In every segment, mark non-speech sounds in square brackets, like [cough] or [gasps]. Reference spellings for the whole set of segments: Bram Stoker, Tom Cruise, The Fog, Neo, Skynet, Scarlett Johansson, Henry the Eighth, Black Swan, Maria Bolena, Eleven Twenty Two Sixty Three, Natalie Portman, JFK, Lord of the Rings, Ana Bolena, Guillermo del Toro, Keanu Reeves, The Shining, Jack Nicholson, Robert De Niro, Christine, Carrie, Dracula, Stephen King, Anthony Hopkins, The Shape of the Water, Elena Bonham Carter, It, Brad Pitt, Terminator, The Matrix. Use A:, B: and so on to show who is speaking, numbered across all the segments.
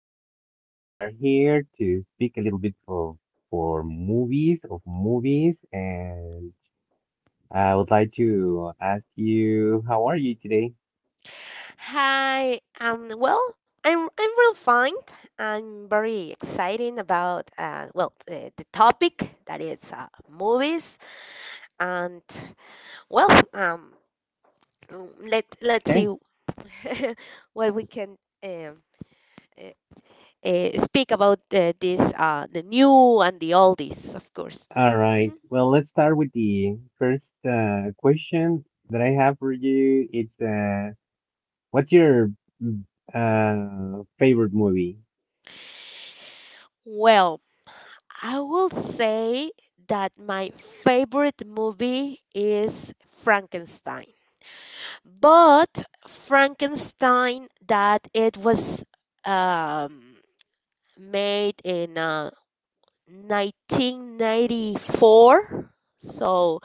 A: and we are here to speak a little bit of movies, and I would like to ask you how are you today?
B: Hi. I'm real fine. I'm very excited about the topic that is movies and well um. Let's see
A: Okay,
B: [laughs] what we can um. Uh, speak about this the new and the oldies, of course.
A: all right.
B: Mhm.
A: Well, let's start with the first question that I have for you. It's what's your mm, favorite movie?
B: Well, I will say that my favorite movie is Frankenstein, but Frankenstein that it was um, made in 1994, so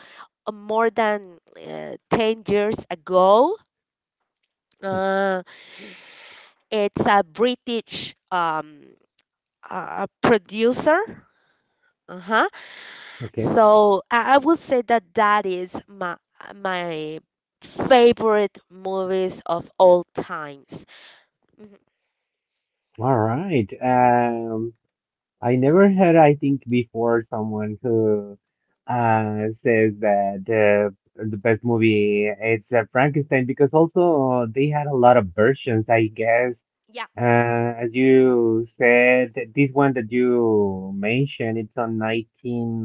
B: more than 10 years ago.
A: Hmm.
B: Uh, it's a British producer. Uh-huh.
A: Okay.
B: So I would say that that is my favorite movies of all times. Mhm.
A: All right. I never heard, I think, before someone who says that the best movie it's Frankenstein, because also they had a lot of versions, I guess.
B: Yeah.
A: As you said, this one that you mentioned, it's on nineteen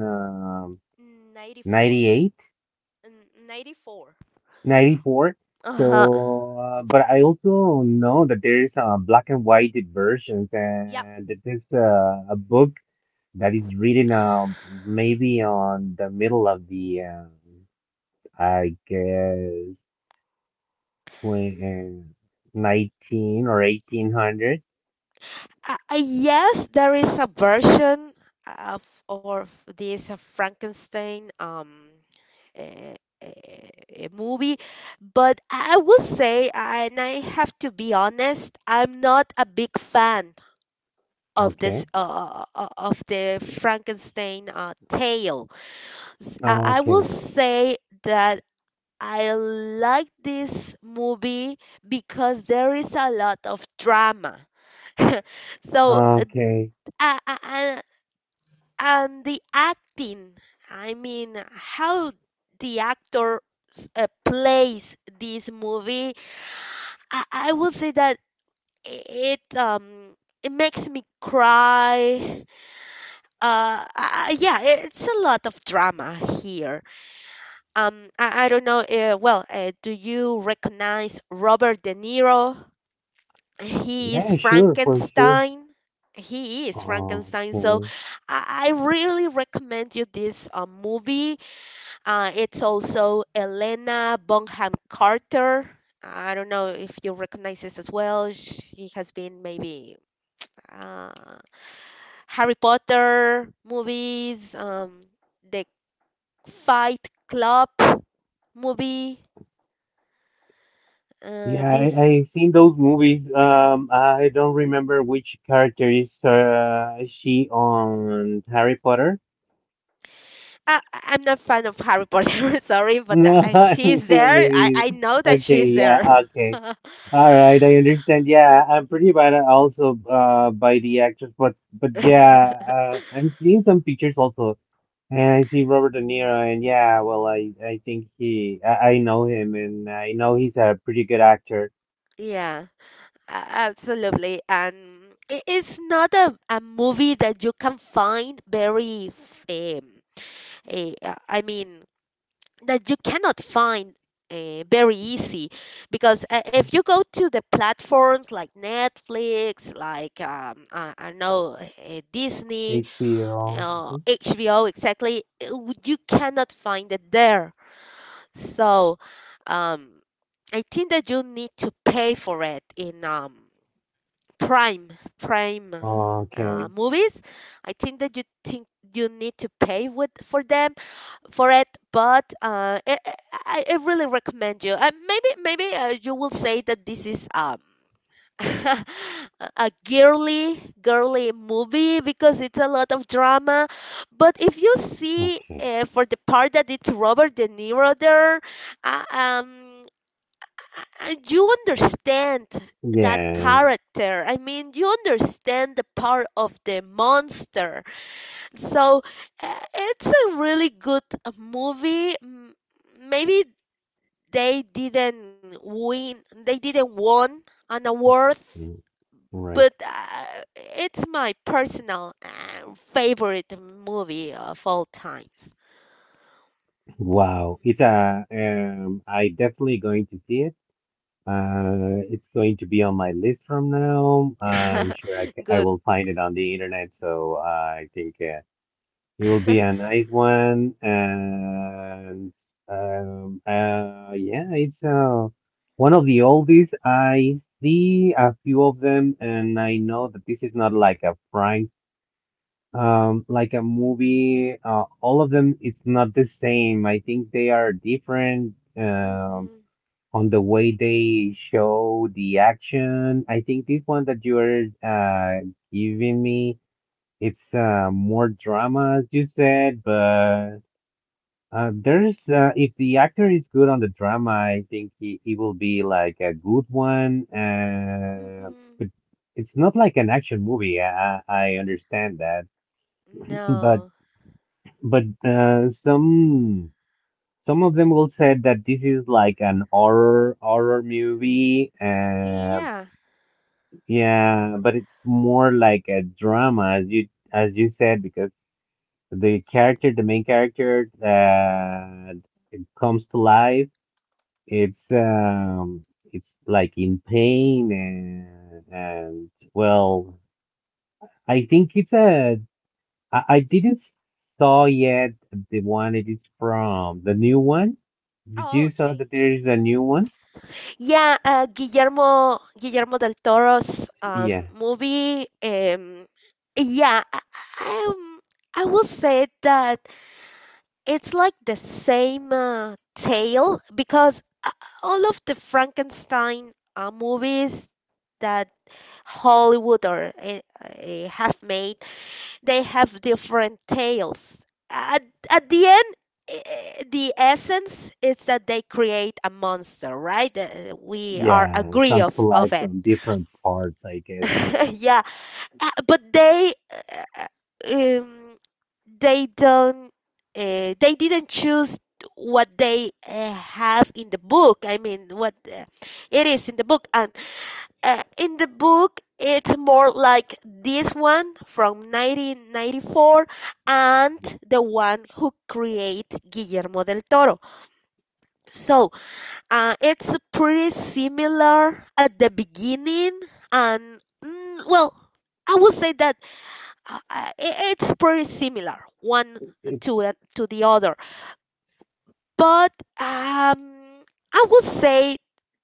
B: 94.
A: ninety eight,
B: N- 94.
A: '94.
B: Uh-huh.
A: So, but I also know that there is a black and white versions,
B: Yep.
A: and that there's a book that is written maybe on the middle of the, I guess, twenty nineteen or eighteen hundred.
B: Yes, there is a version of of this Frankenstein eh, eh, movie, but I will say, and I have to be honest, I'm not a big fan of this
A: Okay.
B: of the Frankenstein tale. I will
A: Okay.
B: say that I like this movie because there is a lot of drama. [laughs] So
A: Okay.
B: uh, and, and the acting, I mean, how the actor plays this movie, I will say that i- it um it makes me cry. Yeah, it's a lot of drama here. I don't know. Do you recognize Robert De Niro? He is
A: Yeah, sure, for sure.
B: Frankenstein. He is Frankenstein. So
A: Okay.
B: I really recommend you this movie. It's also Elena Bonham Carter. I don't know if you recognize this as well. She has been maybe uh, Harry Potter movies, the Fight Club movie.
A: Yeah, I,
B: This
A: I seen those movies. I don't remember which character is she on Harry Potter.
B: I- am not fan of Harry Potter. [laughs] Sorry,
A: [laughs]
B: but
A: No,
B: I, she's there. I,
A: maybe.
B: I know that
A: Okay,
B: she's
A: yeah,
B: there.
A: okay.
B: [laughs]
A: All right, I understand. Yeah, I'm pretty bad at also by the actors, but yeah,
B: [laughs]
A: I'm seeing some pictures also, and I see Robert De Niro, and yeah, well, I think I know him, and I know he's a pretty good actor.
B: Yeah, a- absolutely. And it is not a movie that you can find I mean, that you cannot find very easy. Because if you go to the platforms like Netflix, like, um, I know, Disney,
A: HBO. Mhm.
B: HBO exactly, you cannot find it there. So um, I think that you need to pay for it in Prime Prime
A: Okay,
B: movies. I think that you need to pay with for them for it, but I really recommend you. Maybe you will say that this is [laughs] a girly movie because it's a lot of drama, but if you see
A: okay,
B: for the part that it's Robert De Niro there, uh, um you understand that
A: yeah,
B: character. I mean, you understand the part of the monster. So it's a really good movie. Maybe they didn't win they didn't won an award,
A: mm, right.
B: but it's my personal favorite movie of all times.
A: Wow, it's a, I definitely going to see it. It's going to be on my list from now. I'm
B: Hmm.
A: sure
B: [laughs]
A: I
B: Good.
A: will find it on the internet, so I think it will
B: [laughs]
A: be a nice one. And yeah, it's one of the oldies. I see a few of them, and I know that this is not like a prank, like a movie. All of them, it's not the same. I think they are different.
B: Hmm.
A: On the way they show the action. I think this one that you're giving me, it's more drama, as you said, but there's, if the actor is good on the drama, I think he will be like a good one.
B: Hmm.
A: But it's not like an action movie. I understand that, but
B: No.
A: but some. Some of them will say that this is like an horror movie.
B: Yeah.
A: Yeah, but it's more like a drama, as you said, because the character, the main character that it comes to life, it's, like in pain, and well, I think it's a, I didn't saw yet the one it is from the new one. Did
B: Oh,
A: you saw
B: okay.
A: that there is a new one?
B: Yeah, Guillermo del Toro's
A: Yeah,
B: movie. Yeah, I, I, um, I will say that it's like the same tale because all of the Frankenstein movies that Hollywood or have made, they have different tales. At, at the end, the essence is that they create a monster, right? We are
A: yeah, it
B: agree
A: comes to life
B: of it.
A: from different parts, I guess.
B: [laughs] Yeah, but they. Um, they don't they didn't choose what they have in the book I mean what it is in the book. And in the book it's more like this one from 1994 and the one who create Guillermo del Toro. So it's pretty similar at the beginning. And I would say that it's pretty similar one to to the other. But um I would say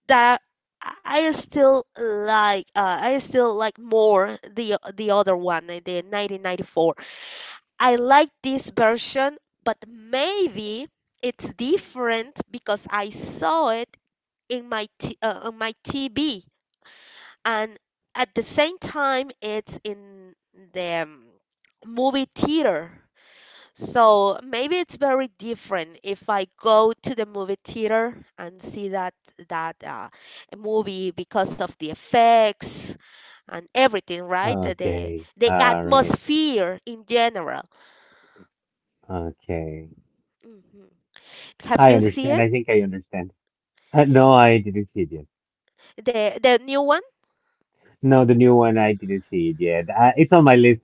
B: that I still like I still like more the other one, the 1994. I like this version, but maybe it's different because I saw it in on my TV, and at the same time it's in the movie theater. So maybe it's very different if I go to the movie theater and see that movie because of the effects and everything, right? The the
A: Okay.
B: the
A: All right.
B: atmosphere in general.
A: Okay.
B: Hmm. Have
A: I
B: you seen
A: understand.
B: it?
A: I think I understand. No, I didn't see it yet.
B: The new one?
A: No, the new one, I didn't see it yet. It's on my list.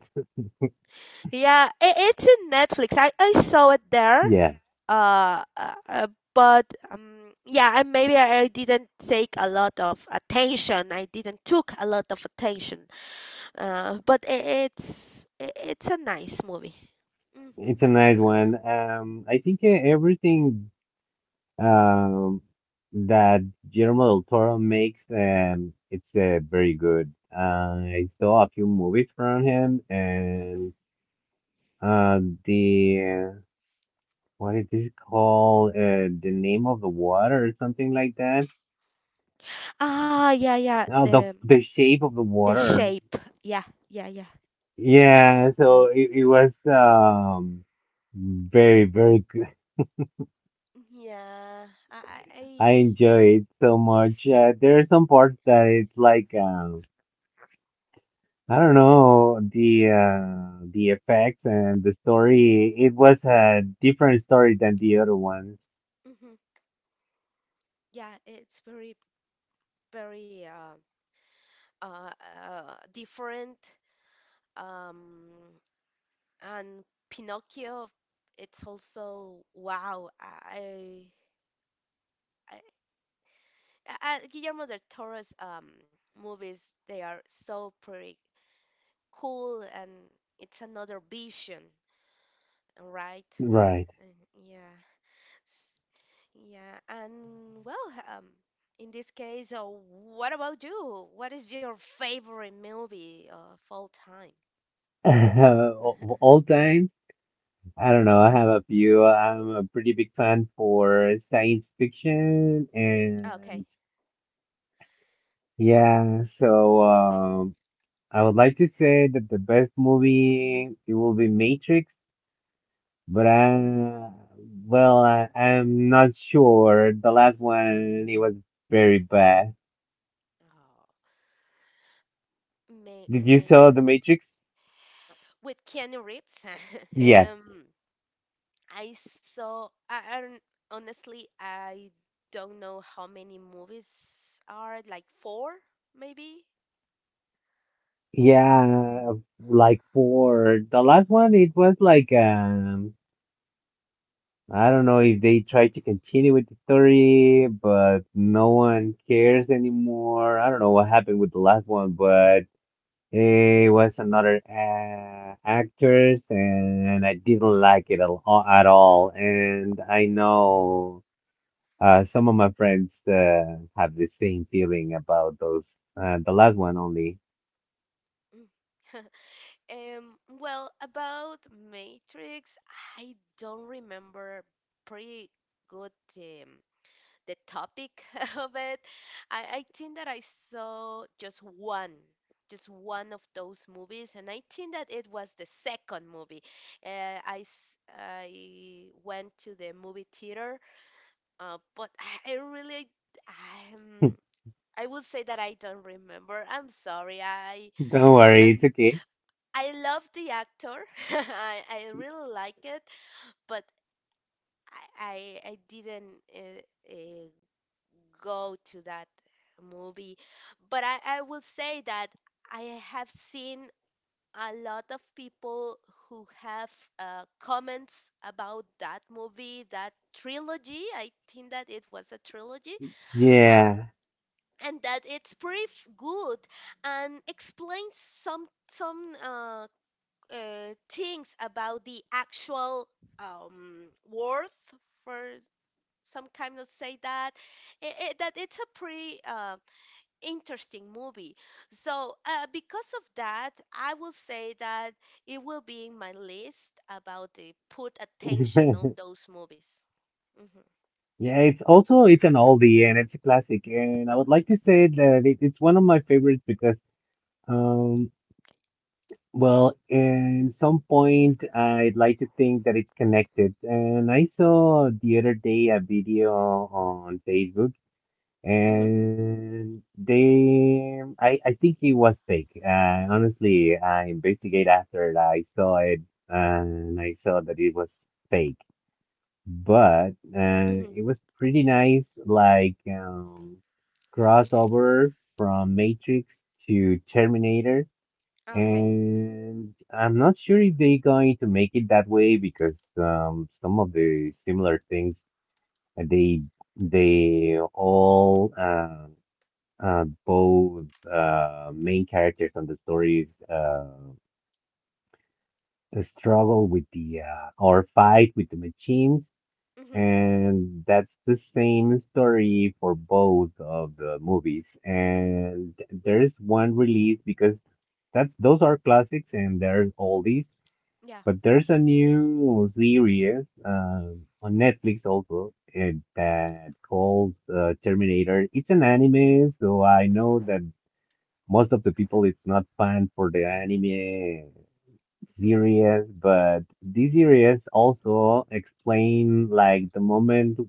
B: Yeah, I it's in Netflix. I saw it there.
A: Yeah,
B: Uh, uh, uh, but Yeah, and maybe I didn't take a lot of attention. I didn't took a lot of attention. But I- it's I- It's a nice movie. Hmm.
A: it's a nice one. I think everything um that Guillermo del Toro makes, it's very good. I saw a few movies from him,
B: Hmm.
A: and the uh, what is it called? The Name of the Water, or something like that.
B: Ah, yeah, yeah.
A: Now
B: The
A: the Shape of the Water.
B: shape. Yeah, yeah, yeah.
A: Yeah, so it was, very very good.
B: Yeah,
A: [laughs] I
B: I,
A: enjoy it so much. There are some parts that it's like, I don't know, the, effects and the story. It was a different story than the other ones.
B: mm yeah, it's very uh, different. Um, and Pinocchio, it's also wow. I, I Guillermo del Toro's movies, they are so pretty, cool. And it's another vision, right?
A: Right.
B: Yeah. S- Yeah, and well, in this case, what about you? What is your favorite movie of all time?
A: [laughs] Of all time, I don't know. I have a few. I'm a pretty big fan for science fiction,
B: Okay.
A: and, yeah, so, I would like to say that the best movie it will be Matrix, but well, I'm not sure. The last one it was very bad.
B: Oh, Ma
A: Did you saw the
B: Matrix
A: Matrix?
B: with Keanu Reeves. [laughs]
A: Yes.
B: um, I saw. I don't- Honestly, I don't know how many movies are. Like four, maybe. Uh,
A: Yeah, like four. The last one it was like, I don't know if they tried to continue with the story, but no one cares anymore. I don't know what happened with the last one, but.
B: mhm.
A: It was another actress, and I didn't like it at all. And I know some of my friends have the same feeling about those. The last one only.
B: Mm. [laughs] Well, about Matrix, I don't remember pretty good um, the topic [laughs] of it. I think that I saw just one of those movies, and I think that it was the second movie. I went to the movie theater, but I really, um,
A: [laughs]
B: I will say that I don't remember. I'm sorry.
A: Don't worry, it's
B: I'm
A: okay.
B: I love the actor. [laughs] I really like it, but I didn't go to that movie. But I will say that I have seen a lot of people who have comments about that movie, that trilogy. I think that it was a trilogy. Um,
A: Yeah.
B: and that it's pretty good and explains some thinks about the actual worth for some kind of say that that it's a pretty interesting movie. So because of that I will say that it will be in my list about the put attention on
A: [laughs]
B: those movies. Hmm.
A: Yeah, it's also it's an oldie, and it's a classic, and I would like to say that it's one of my favorites, because, um well, in some point, I'd like to think that it's connected. And I saw the other day a video on Facebook,
B: Hmm.
A: and, I think it was fake. Honestly, I investigate after it. I saw it, and I saw that it was fake. But
B: Hmm.
A: it was pretty nice, like, crossover from Matrix to Terminator.
B: Okay.
A: And I'm not sure if they're going to make it that way, because some of the similar things, uh, they they all both main characters on the stories struggle with the, or fight with the machines,
B: Hmm.
A: and that's the same story for both of the movies. And there's one release, because that's those are classics and they're oldies.
B: Yeah.
A: But there's a new series on Netflix also, that calls Terminator. It's an anime, so I know that most of the people is not fan for the anime
B: Hmm.
A: series, but this series also explain like the moment,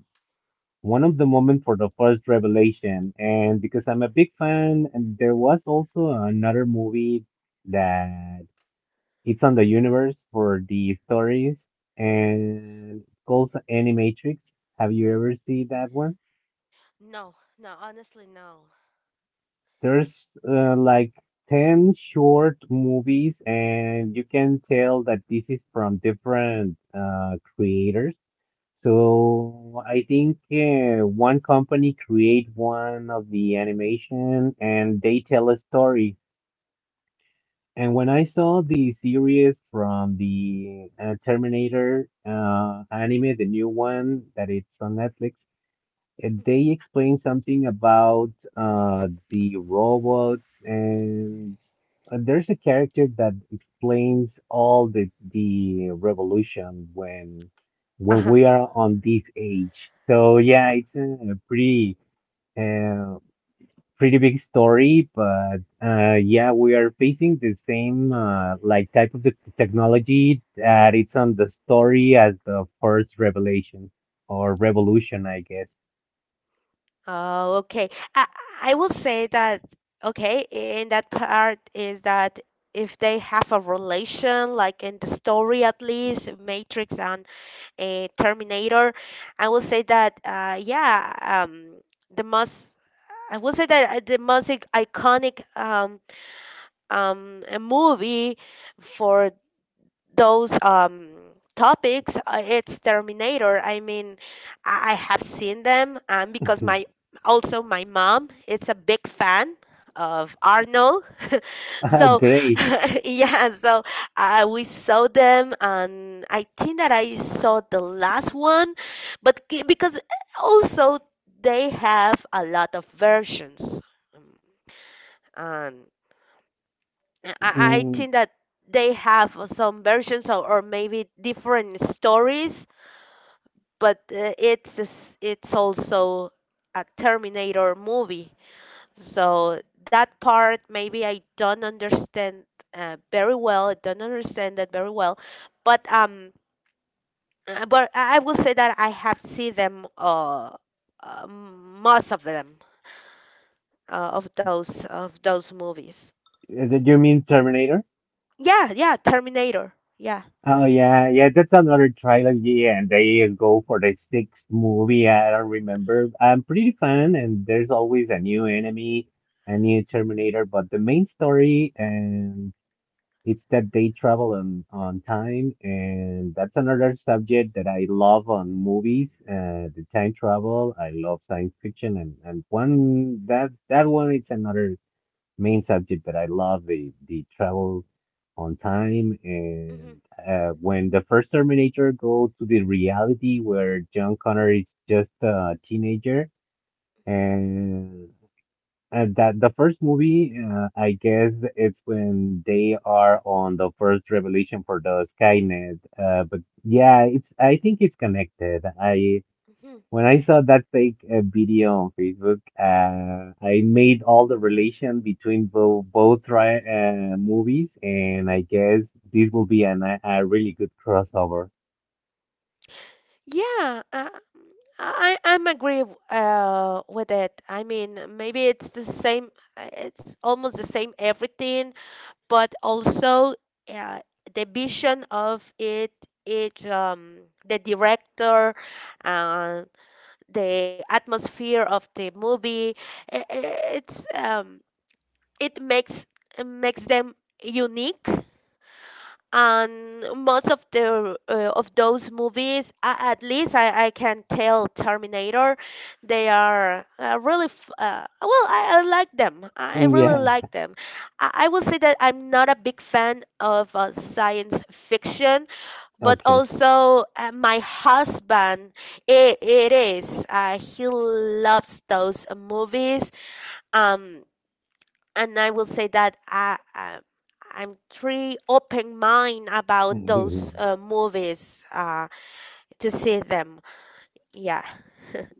A: one of the moment for the first revelation. And because I'm a big fan, and there was also another movie that it's on the universe for the stories, and it's called Animatrix. Have you ever seen that one?
B: No, no, honestly, no.
A: There's like 10 short movies, and you can tell that this is from different creators. So I think one company create one of the animation, and they tell a story. And when I saw the series from the, Terminator anime, the new one that it's on Netflix, they explained something about the robots, and there's a character that explains all the revolution, when
B: Hmm.
A: we are on this age. So yeah, it's a pretty. Uh, pretty big story, but yeah, we are facing the same like type of the technology that it's on the story as the first revelation, or revolution, I guess.
B: Oh, okay. I I will say that okay, in that part is that if they have a relation, like in the story at least, Matrix and Terminator, I will say that yeah, um, the most I will say that the most iconic a movie for those topics, it's Terminator. I mean, I have seen them because my
A: [laughs]
B: also my mom is a big fan of Arnold. So
A: Great.
B: [laughs] yeah, so we saw them, and I think that I saw the last one. But c- because also they have a lot of versions. Um, and I, I
A: Mm,
B: think that they have some versions, or maybe different stories, but it's it's also a Terminator movie. So that part maybe I don't understand very well. I don't understand that very well, but I will say that I have seen them most of them, of those movies.
A: did you mean Terminator?
B: Yeah, yeah, Terminator. Yeah.
A: Oh yeah, yeah, that's another trilogy, and they go for the sixth movie. I don't remember. I'm pretty fan, and there's always a new enemy, a new Terminator, but the main story, and. It's that they travel on time, and that's another subject that I love on movies. The time travel. I love science fiction, and one that that one it's another main subject that I love, the travel on time.
B: Mhm.
A: And when the first Terminator goes to the reality where John Connor is just a teenager, and that the first movie, I guess it's when they are on the first revelation for the Skynet. But yeah, it's I think it's connected. I When I saw that fake video on Facebook, I made all the relation between both movies, and I guess this will be a really good crossover.
B: Yeah, I'm agree with it. I mean, maybe it's the same, it's almost the same everything, but also uh, the vision of it, it um the director, uh, the atmosphere of the movie, it's it makes them unique. And most of the of those movies, at least I can tell Terminator, they are well, I like them. I really
A: Yeah.
B: like them. I will say that I'm not a big fan of science fiction, but
A: Okay.
B: also my husband, it is he loves those movies. Um and I will say that I'm pretty open mind about those
A: [laughs]
B: movies to see them. Yeah. [laughs]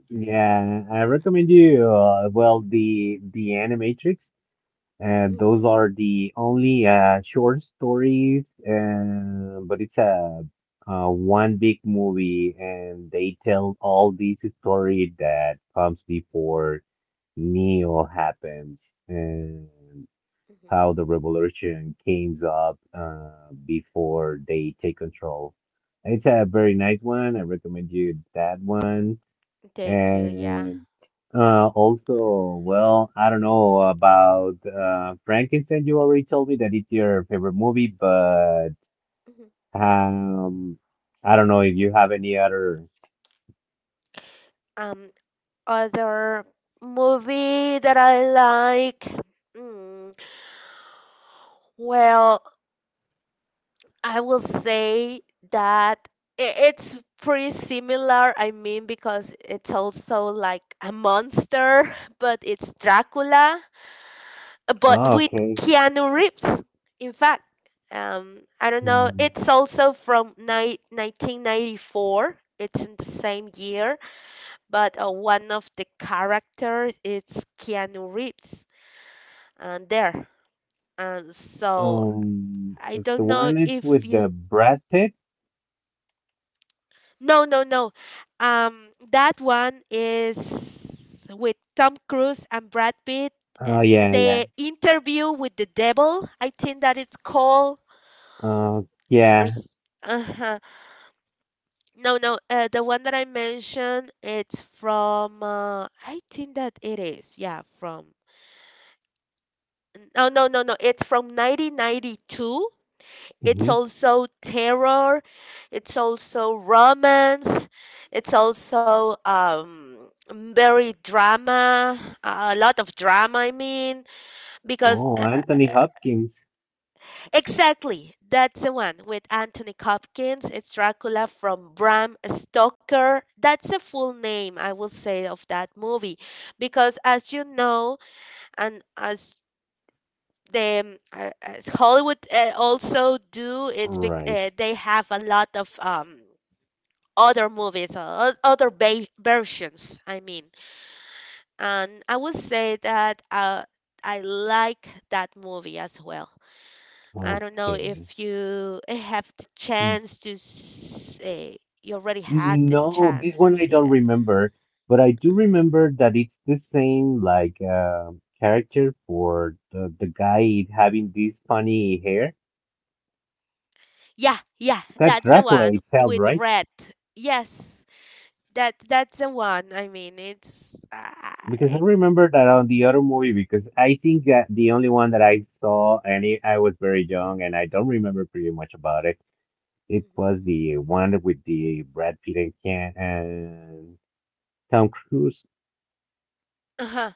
A: Yeah, I recommend you. Well, the Animatrix. And those
B: Hmm.
A: are the only short stories, but it's a, one big movie, and they tell all these story that comes before Neo happens, and
B: Hmm.
A: how the revolution came up before they take control. It's a very nice one. I recommend you that one.
B: Thank you. Yeah.
A: And also, well, I don't know about Frankenstein. You already told me that it's your favorite movie, but
B: Hmm.
A: um, I don't know if you have any other.
B: Um, other movie that I like. Mm, well, I will say that it's pretty similar. I mean, because it's also like a monster, [laughs] but it's Dracula, but
A: Oh,
B: with
A: okay.
B: Keanu Reeves. In fact, I don't know.
A: Hmm.
B: It's also from 1994. It's in the same year, but one of the characters is Keanu Reeves, and there. And so I
A: It's
B: don't
A: the
B: know
A: one it's
B: if
A: with
B: you.
A: the Brad Pitt.
B: No, no, no. That one is with Tom Cruise and Brad Pitt. Uh,
A: Oh, yeah, yeah.
B: the interview with the devil, I think that it's called,
A: Uh,
B: or
A: yeah.
B: s- uh-huh. No, no, the one that I mentioned, it's I think that it is, yeah, from, no, no, no, no, it's from 1992. It's
A: Hmm.
B: also terror, it's also romance, it's also very drama, a lot of drama, I mean, because
A: Oh, Anthony Hopkins.
B: exactly. That's the one with Anthony Hopkins. It's Dracula from Bram Stoker. That's the full name, I will say, of that movie. Because as you know, and as the as Hollywood also do,
A: Right.
B: they have a lot of other movies, uh, versions. I mean, and I would say that I like that movie as well. I don't know if
A: Okay.
B: you have the chance to say you already had the
A: No, this
B: chance to
A: one I
B: see
A: don't
B: that.
A: remember, but I do
B: Mhm.
A: remember that it's the same, like, character for the guy having this funny hair.
B: Yeah, yeah,
A: That's
B: that's the
A: Dracula
B: one
A: itself,
B: with
A: right?
B: red. Yes, that's the one.
A: Because I remember that on the other movie, because I think that the only one that I saw, and I was very young, and I don't remember pretty much about it. It
B: Mhm.
A: was the one with the Brad Pitt and Ken and Tom Cruise.
B: Uh-huh.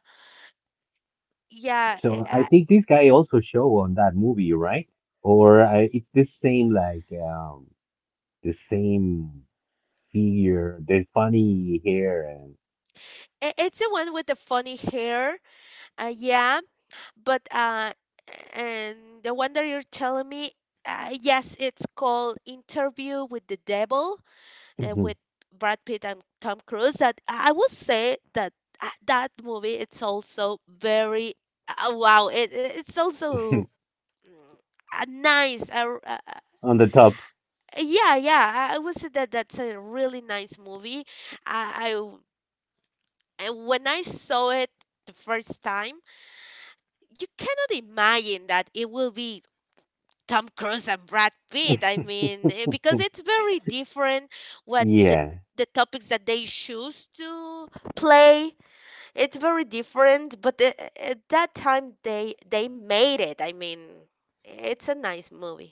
B: Yeah, i
A: So I
B: I,
A: think this guy also show on that movie, right? It's the same, like, the same figure, the funny hair,
B: it's the one with the funny hair. Yeah, but And the one that you're telling me, yes, it's called Interview with the Devil. Uh,
A: and.
B: with Brad Pitt and Tom Cruise. That I would say that That movie, it's also very wow, it's also
A: [laughs]
B: a nice uh, uh,
A: On the top.
B: yeah, I would say that that's a really nice movie. I, I w- I- when I saw it the first time, you cannot imagine that it will be Tom Cruise and Brad Pitt. I mean, because it's very different what
A: Yeah.
B: the topics that they choose to play. It's very different, but at that time they made it. I mean, it's a nice movie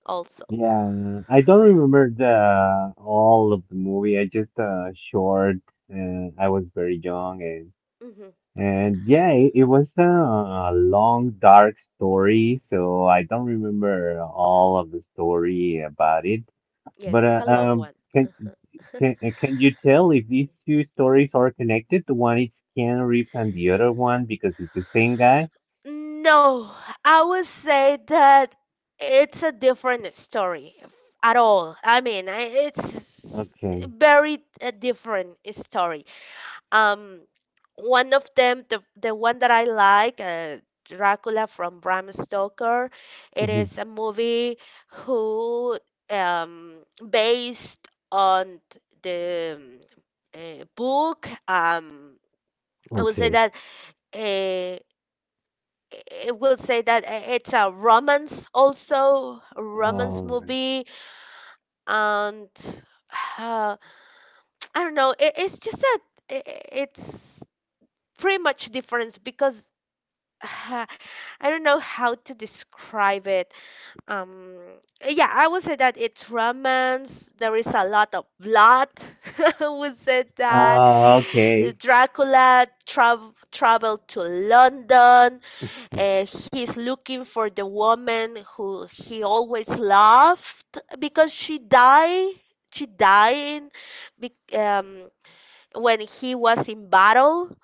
B: also.
A: Yeah. I don't remember the all of the movie. I just short, and I was very young, and
B: Hmm.
A: yeah, it was a long dark story, so I don't remember all of the story about it. But
B: Yes, it's a long one.
A: can, can you tell if these two stories are connected? The one is Keanu Reeves and the other one because it's the same guy.
B: No, I would say that it's a different story at all. I mean, it's
A: Okay.
B: very a different story. Um, One of them, the one that I like, Dracula from Bram Stoker. It
A: Mhm.
B: is a movie who um based on the book. I would say
A: Okay.
B: that uh, it would say that it's a romance
A: All right.
B: movie. And uh, I don't know, it, it's just that it's pretty much different because [laughs] I don't know how to describe it. Um, yeah, I would say that it's romance. There is a lot of blood. [laughs] I would say that
A: Okay.
B: Dracula traveled to London. He's looking for the woman who he always loved because she died. She died in, bec- um, when he was in battle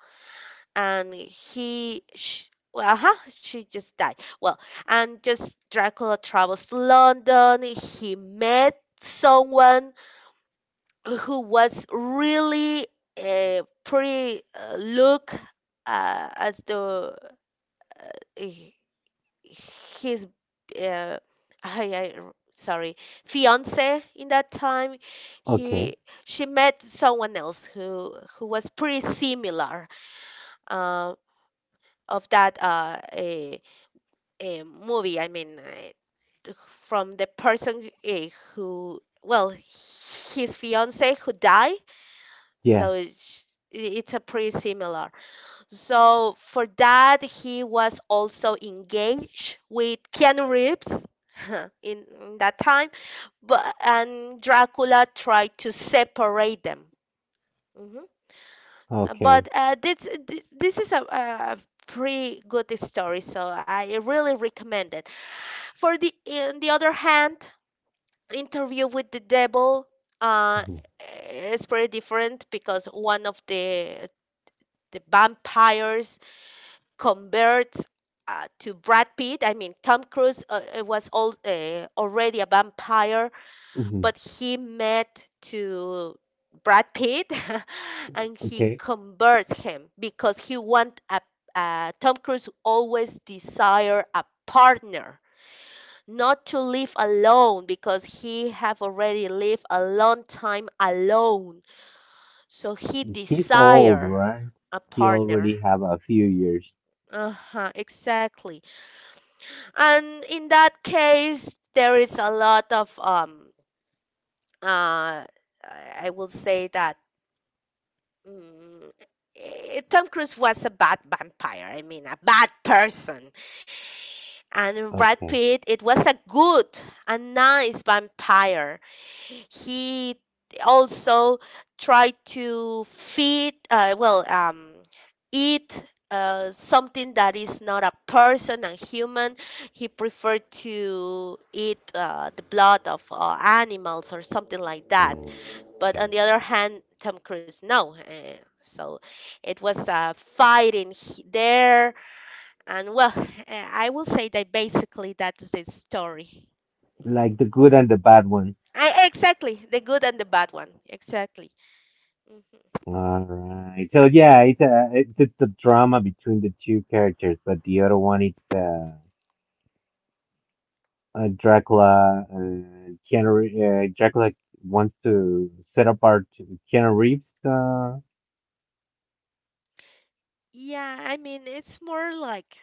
B: and he sh well, huh? She just died. Well, and just Dracula travels to London. He met someone who was really a pretty look uh, as the uh, h- his uh, sorry, fiance in that time.
A: Okay.
B: He She met someone else who was pretty similar. Um, of that a movie. I mean, t- From the person who, well, his fiance who died.
A: Yeah.
B: So it's a pretty similar. So for that, he was also engaged with Keanu Reeves [laughs] in that time, but and Dracula tried to separate them. Mhm.
A: Okay.
B: But uh, this is a, a pretty good story, so I really recommend it. For the in the other hand, Interview with the Devil uh,
A: Hmm.
B: is pretty different because one of the vampires converts to Brad Pitt. I mean, Tom Cruise was all, already a vampire,
A: Hmm.
B: but he met to Brad Pitt [laughs] and he
A: Okay.
B: converts him because he want a Tom Cruise always desire a partner, not to live alone because he have already lived a long time alone, so he
A: He's old,
B: desire
A: right?
B: a
A: He
B: partner.
A: already have a few years.
B: Uh-huh, exactly. And in that case there is a lot of uh I will say that mm, Tom Cruise was a bad vampire, I mean, a bad person. And Brad
A: Okay.
B: Pitt, it was a good, a nice vampire. He also tried to feed eat something that is not a person and human. He preferred to eat the blood of animals or something like that, but on
A: Okay.
B: the other hand Tom Cruise no. So it was a fight in there, and well, I will say that basically that's the story. Mm-hmm.
A: Like the good and the bad one.
B: I Exactly, the good and the bad one. Exactly. Hmm.
A: All right. So yeah, it's the drama between the two characters, but the other one is the Dracula, Dracula wants to set apart Keanu Reeves. Uh,
B: Yeah, I mean it's more like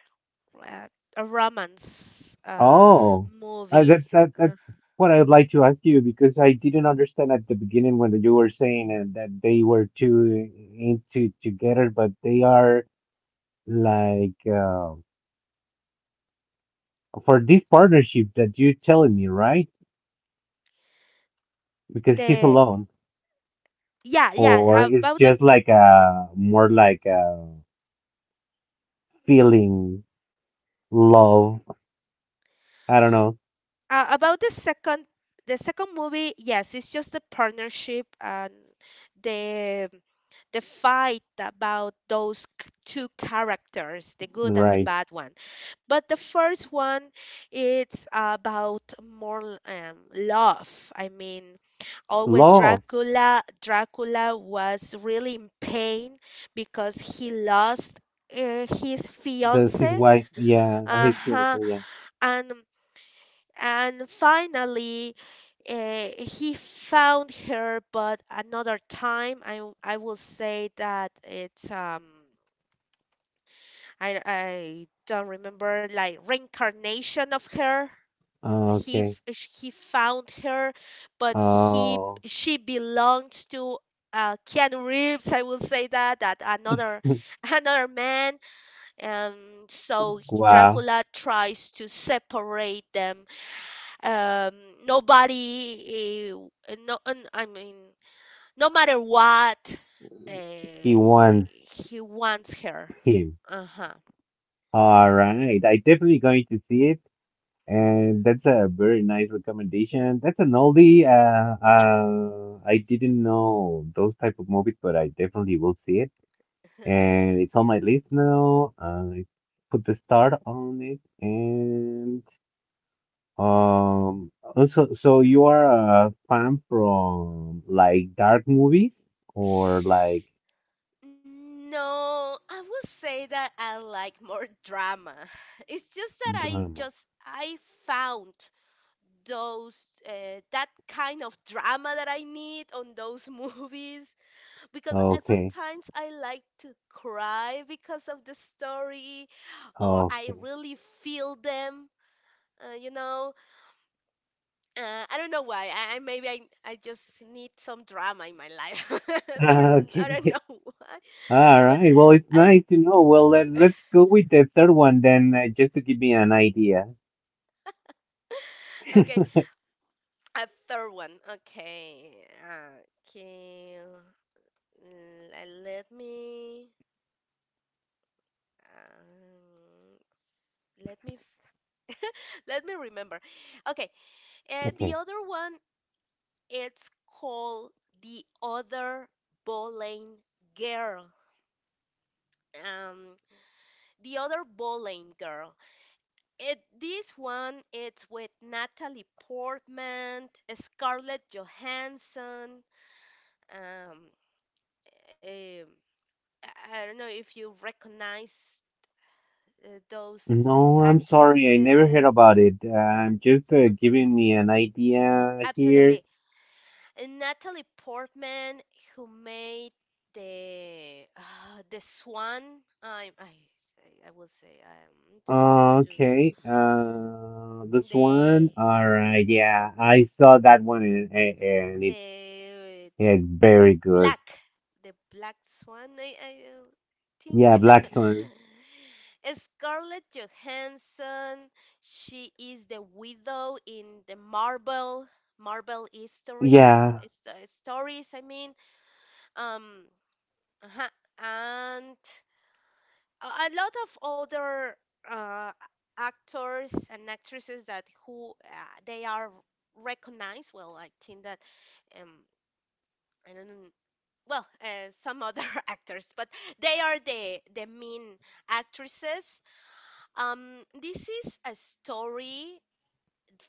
B: uh, a romance
A: oh, uh,
B: movie.
A: that's
B: Uh,
A: what I would like to ask you because I didn't understand at the beginning when you were saying that they were two into together, but they are like for this partnership that you're telling me, right? Because he's
B: the
A: alone,
B: Yeah,
A: or
B: yeah,
A: it's just like a more like a feeling love. I don't know.
B: about the second, the second movie, yes, it's just the partnership and the the fight about those two characters, the good and the
A: Right.
B: bad one. But the first one, it's about more love, I mean, always
A: Love.
B: Dracula. Dracula was really in pain because he lost his
A: That's his
B: fiance.
A: wife. Yeah,
B: Uh
A: his fiance.
B: huh.
A: Yeah.
B: And and finally he found her, but another time I will say that it's I don't remember, like reincarnation of her.
A: Oh, okay.
B: He found her, but he
A: Oh,
B: she belongs to Keanu Reeves. I will say that another
A: [laughs]
B: [laughs] another man. Um, so
A: wow.
B: Dracula tries to separate them. Um nobody no un- I mean, no matter what,
A: He
B: uh,
A: wants
B: he wants her.
A: him.
B: Uh-huh.
A: All right. I definitely going to see it, and that's a very nice recommendation. That's an oldie.
B: Yeah.
A: I didn't know those type of movies, but I definitely will see it, and it's
B: [laughs]
A: on my
B: Yeah.
A: list now. I put the start on it, and Um, so you are a fan from like dark movies or like
B: No, I would say that I like more drama. [laughs] It's just that
A: drama?
B: I found those that kind of drama that I need on those [laughs] movies, because
A: Okay,
B: sometimes I like to cry because of the story, or I
A: okay,
B: really feel them. You know, I don't know why. I just need some drama in my life, [laughs]
A: [laughs]
B: or I don't
A: okay.
B: know [laughs] why.
A: All
B: But
A: right. Well, it's
B: I
A: nice to know. Well, let's go with the third one then, just to give me an idea.
B: okay. A third one. Okay. Okay. l- Let me. Um, let me f- [laughs] let me remember. Okay, the
A: Okay.
B: other one, it's called The Other Bowling Girl. Um, The Other Bowling Girl. It This one, it's with Natalie Portman, Scarlett Johansson. Um, I don't know if you recognize those
A: No, I'm sorry. I never heard
B: actresses.
A: about it. I'm just
B: Okay,
A: giving me an idea here.
B: absolutely. And Natalie Portman, who made the Swan. I I I will say
A: Okay, this one.
B: the
A: All right, yeah, I saw that one and it's
B: the
A: yeah, very good.
B: black the Black Swan. I think.
A: Yeah, Black Swan.
B: [laughs] Scarlett Johansson, she is the widow in the Marvel Marvel histories
A: Yeah,
B: is- uh, stories. I mean, um uh-huh, and a lot of older uh, actors and actresses that who they are recognized. Well, I think that um, I don't know. Well, [laughs] some other [laughs] actors, but they are the main actresses. This is a story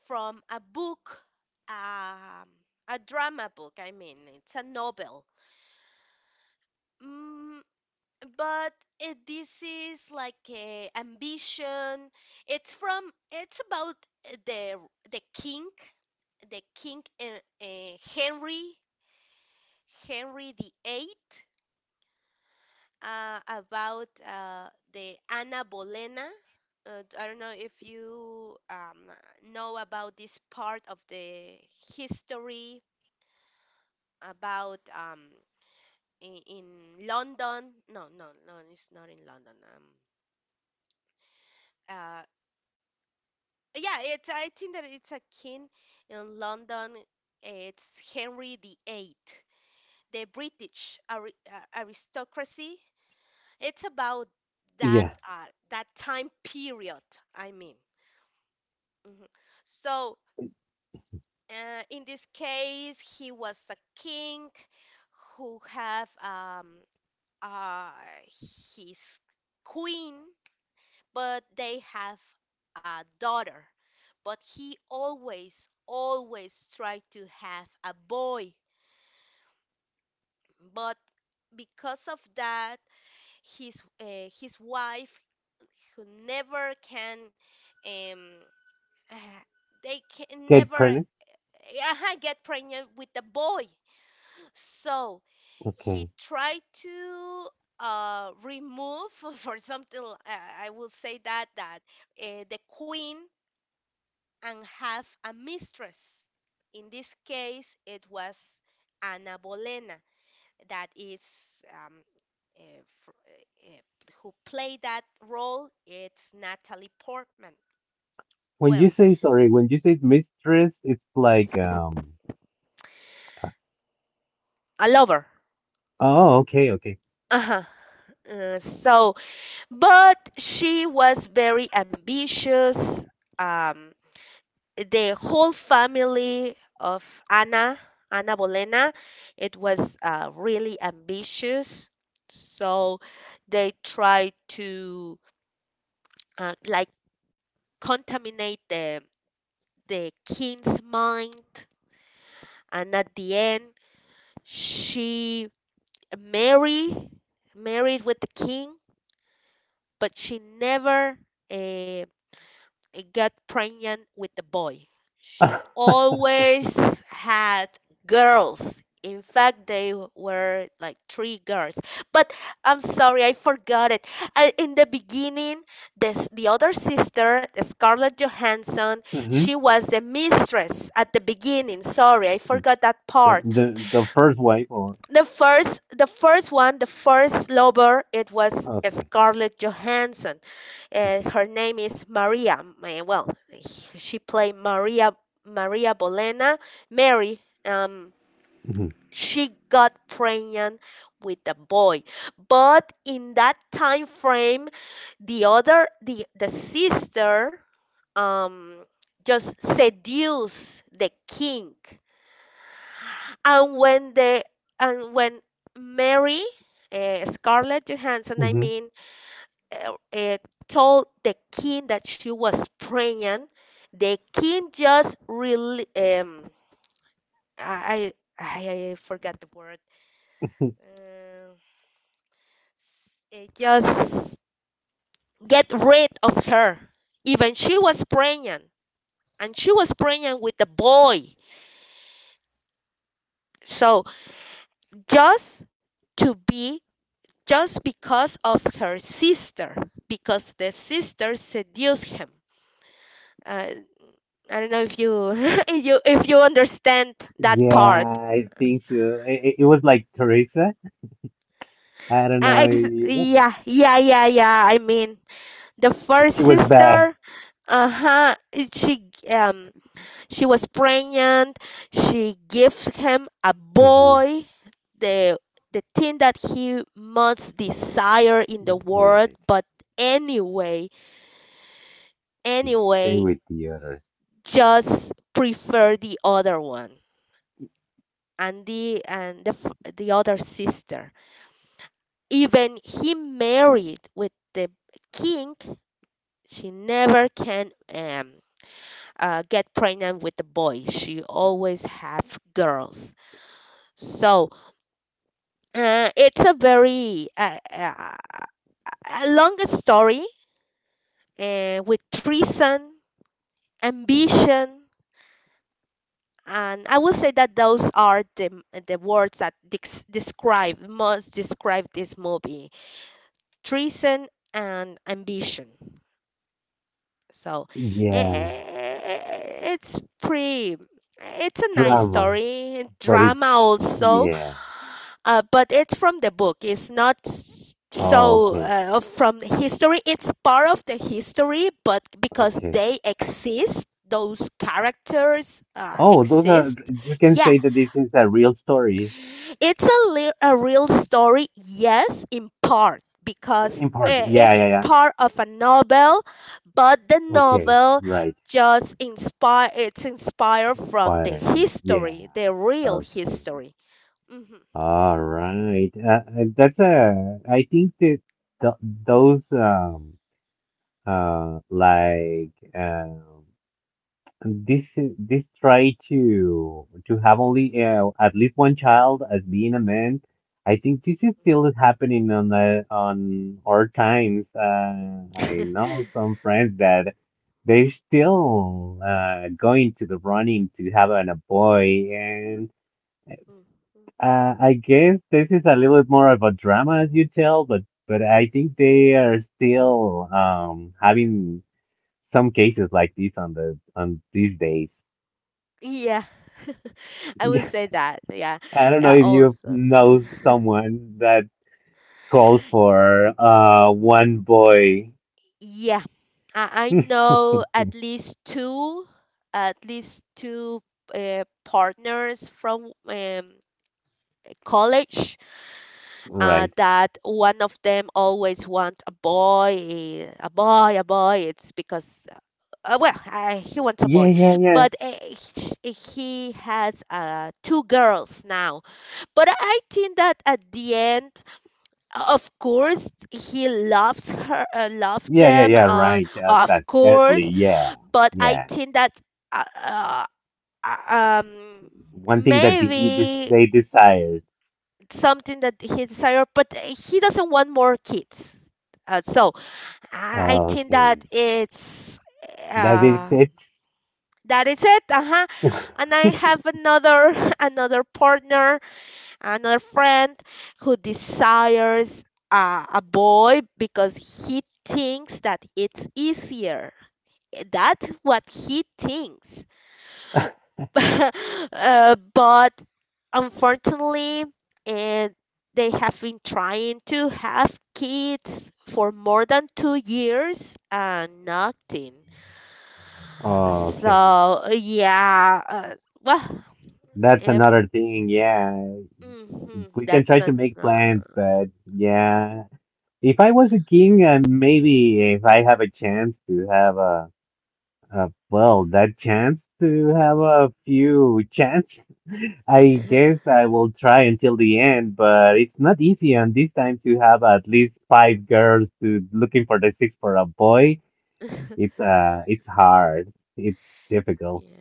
B: from a book, um, a drama book. I mean, it's a novel. Mm, but this is like a ambition. It's about uh, the the king, the king Henry, Henry the Eighth, about the Anna Bolena. I don't know if you know about this part of the history about in London. No, no, no, it's not in London. Uh, Yeah, it's I think that it's a king in London. It's Henry the Eighth, the British aristocracy. It's about that
A: yeah.
B: that time period. I mean, Mhm. So in this case, he was a king who have uh, his queen, but they have a daughter. But he always, always tried to have a boy. But because of that, his wife, who never can, um, uh, they can
A: Get
B: never
A: pregnant?
B: get pregnant with the boy. So he
A: Okay.
B: tried to remove [laughs] for something I will say that the queen, and have a mistress. In this case, it was Ana Bolena, that is eh, fr- eh, eh, who played that role. It's Natalie Portman.
A: When
B: Well,
A: you say sorry, when you say mistress, it's like.
B: a lover.
A: Oh, okay, okay.
B: Uh-huh. So, but she was very ambitious. Um, the whole family of Ana, Ana Bolena, it was really ambitious. So they tried to like contaminate the king's mind, and at the end, she married married with the king, but she never uh, I got pregnant with the boy. She
A: [laughs]
B: always had girls. In fact, they were like three girls. But I'm sorry, I forgot it. I, in the beginning, the other sister, Scarlett Johansson,
A: Mm-hmm.
B: she was the mistress at the beginning. Sorry, I forgot that
A: The
B: part.
A: the the first wife or
B: The first one, the first lover, it was
A: okay,
B: Scarlett Johansson.
A: okay.
B: Her name is Maria. Uh, well, she played Maria, Maria Bolena, Mary.
A: Hmm.
B: She got pregnant with a boy, but in that time frame, the sister um just seduced the king, and when the and when Mary, Scarlett Johansson, I
A: Hmm.
B: mean, uh, uh, told the king that she was pregnant, the king just really I I forgot the word.
A: [laughs]
B: Uh, it just get rid of her. Even she was pregnant, and she was pregnant with the boy. So, just to be, just because of her sister, because the sister seduced him. Uh, I don't know if you [laughs] if you understand that
A: Yeah,
B: part.
A: I think so. It was like Teresa. I don't know. [laughs]
B: Yeah, yeah, yeah, yeah. I mean, the
A: If
B: first
A: she was bad.
B: sister, uh-huh, she was pregnant. She gives him a
A: Mhm.
B: boy, the the thing that he most desire in the world,
A: Right,
B: but anyway,
A: he stay
B: anyway,
A: with the others.
B: just prefer the other one, and the other sister. Even he married with the king, she never can get pregnant with the boy. She always have girls. So it's a very a long story with treason, ambition, and I will say that those are the words that describe this movie: treason and ambition. So i-
A: Yeah,
B: i- it's pretty. It's a nice
A: drama,
B: story,
A: but it's
B: drama also,
A: yeah.
B: but it's from the book. It's not
A: Oh,
B: so,
A: okay,
B: from history. It's part of the history, but because
A: okay.
B: they exist, those characters
A: Oh, those are
B: exist.
A: you can
B: Yeah,
A: say that this is a real story
B: it's a real story, yes, in part, because
A: in part. Yeah,
B: it's
A: yeah, yeah.
B: part of a novel, but the
A: Okay,
B: novel
A: right.
B: just inspire it's inspired
A: It's
B: from the
A: fine. Yeah.
B: history, the real
A: Okay.
B: history. Hmm.
A: All right. That's a. I think that th those like this try to have only at least one child as being a man. I think this is still happening on our times. I know
B: [laughs]
A: some friends that they're still going to the running to have a boy, and
B: Mm. Mm.
A: I guess this is a little bit more of a drama, as you tell, but I think they are still having some cases like this on these days.
B: Yeah, [laughs] I would say
A: [laughs]
B: that. Yeah.
A: I don't know
B: Yeah,
A: if you
B: also. [laughs]
A: know someone that calls for one boy.
B: Yeah, I
A: [laughs]
B: know at least two partners from college.
A: Right.
B: That one of them always want a boy, a boy, a boy. It's because he wants a
A: Yeah,
B: boy,
A: yeah, yeah.
B: but he has two girls now. But I think that at the end. Of course, he loves her, love
A: Yeah, yeah,
B: them.
A: yeah, right. Uh,
B: Of
A: that's definitely,
B: course,
A: yeah.
B: but I
A: Yeah.
B: think that uh, uh, uh, um
A: One thing that
B: maybe
A: they desired.
B: something that he desire, but he doesn't want more kids. So I
A: Oh,
B: think
A: okay.
B: that it's
A: That is
B: uh,
A: it.
B: that is it. Uh huh.
A: [laughs]
B: And I have another [laughs] another partner, another friend who desires a boy because he thinks that it's easier. That's what he thinks. [laughs] But unfortunately, and they have been trying to have kids for more than 2 years and nothing.
A: Oh, okay.
B: So yeah, well,
A: That's
B: eh,
A: another thing. Yeah.
B: mhm,
A: We can
B: that's
A: try to
B: an
A: make plans, but yeah. If I was a king and maybe if I have a chance to have a well, that chance to have a few chance, [laughs] I guess I will try until the end, but it's not easy. And this time to have at least five girls to looking for the six for a boy, it's
B: [laughs]
A: uh, it's hard. It's difficult.
B: yeah.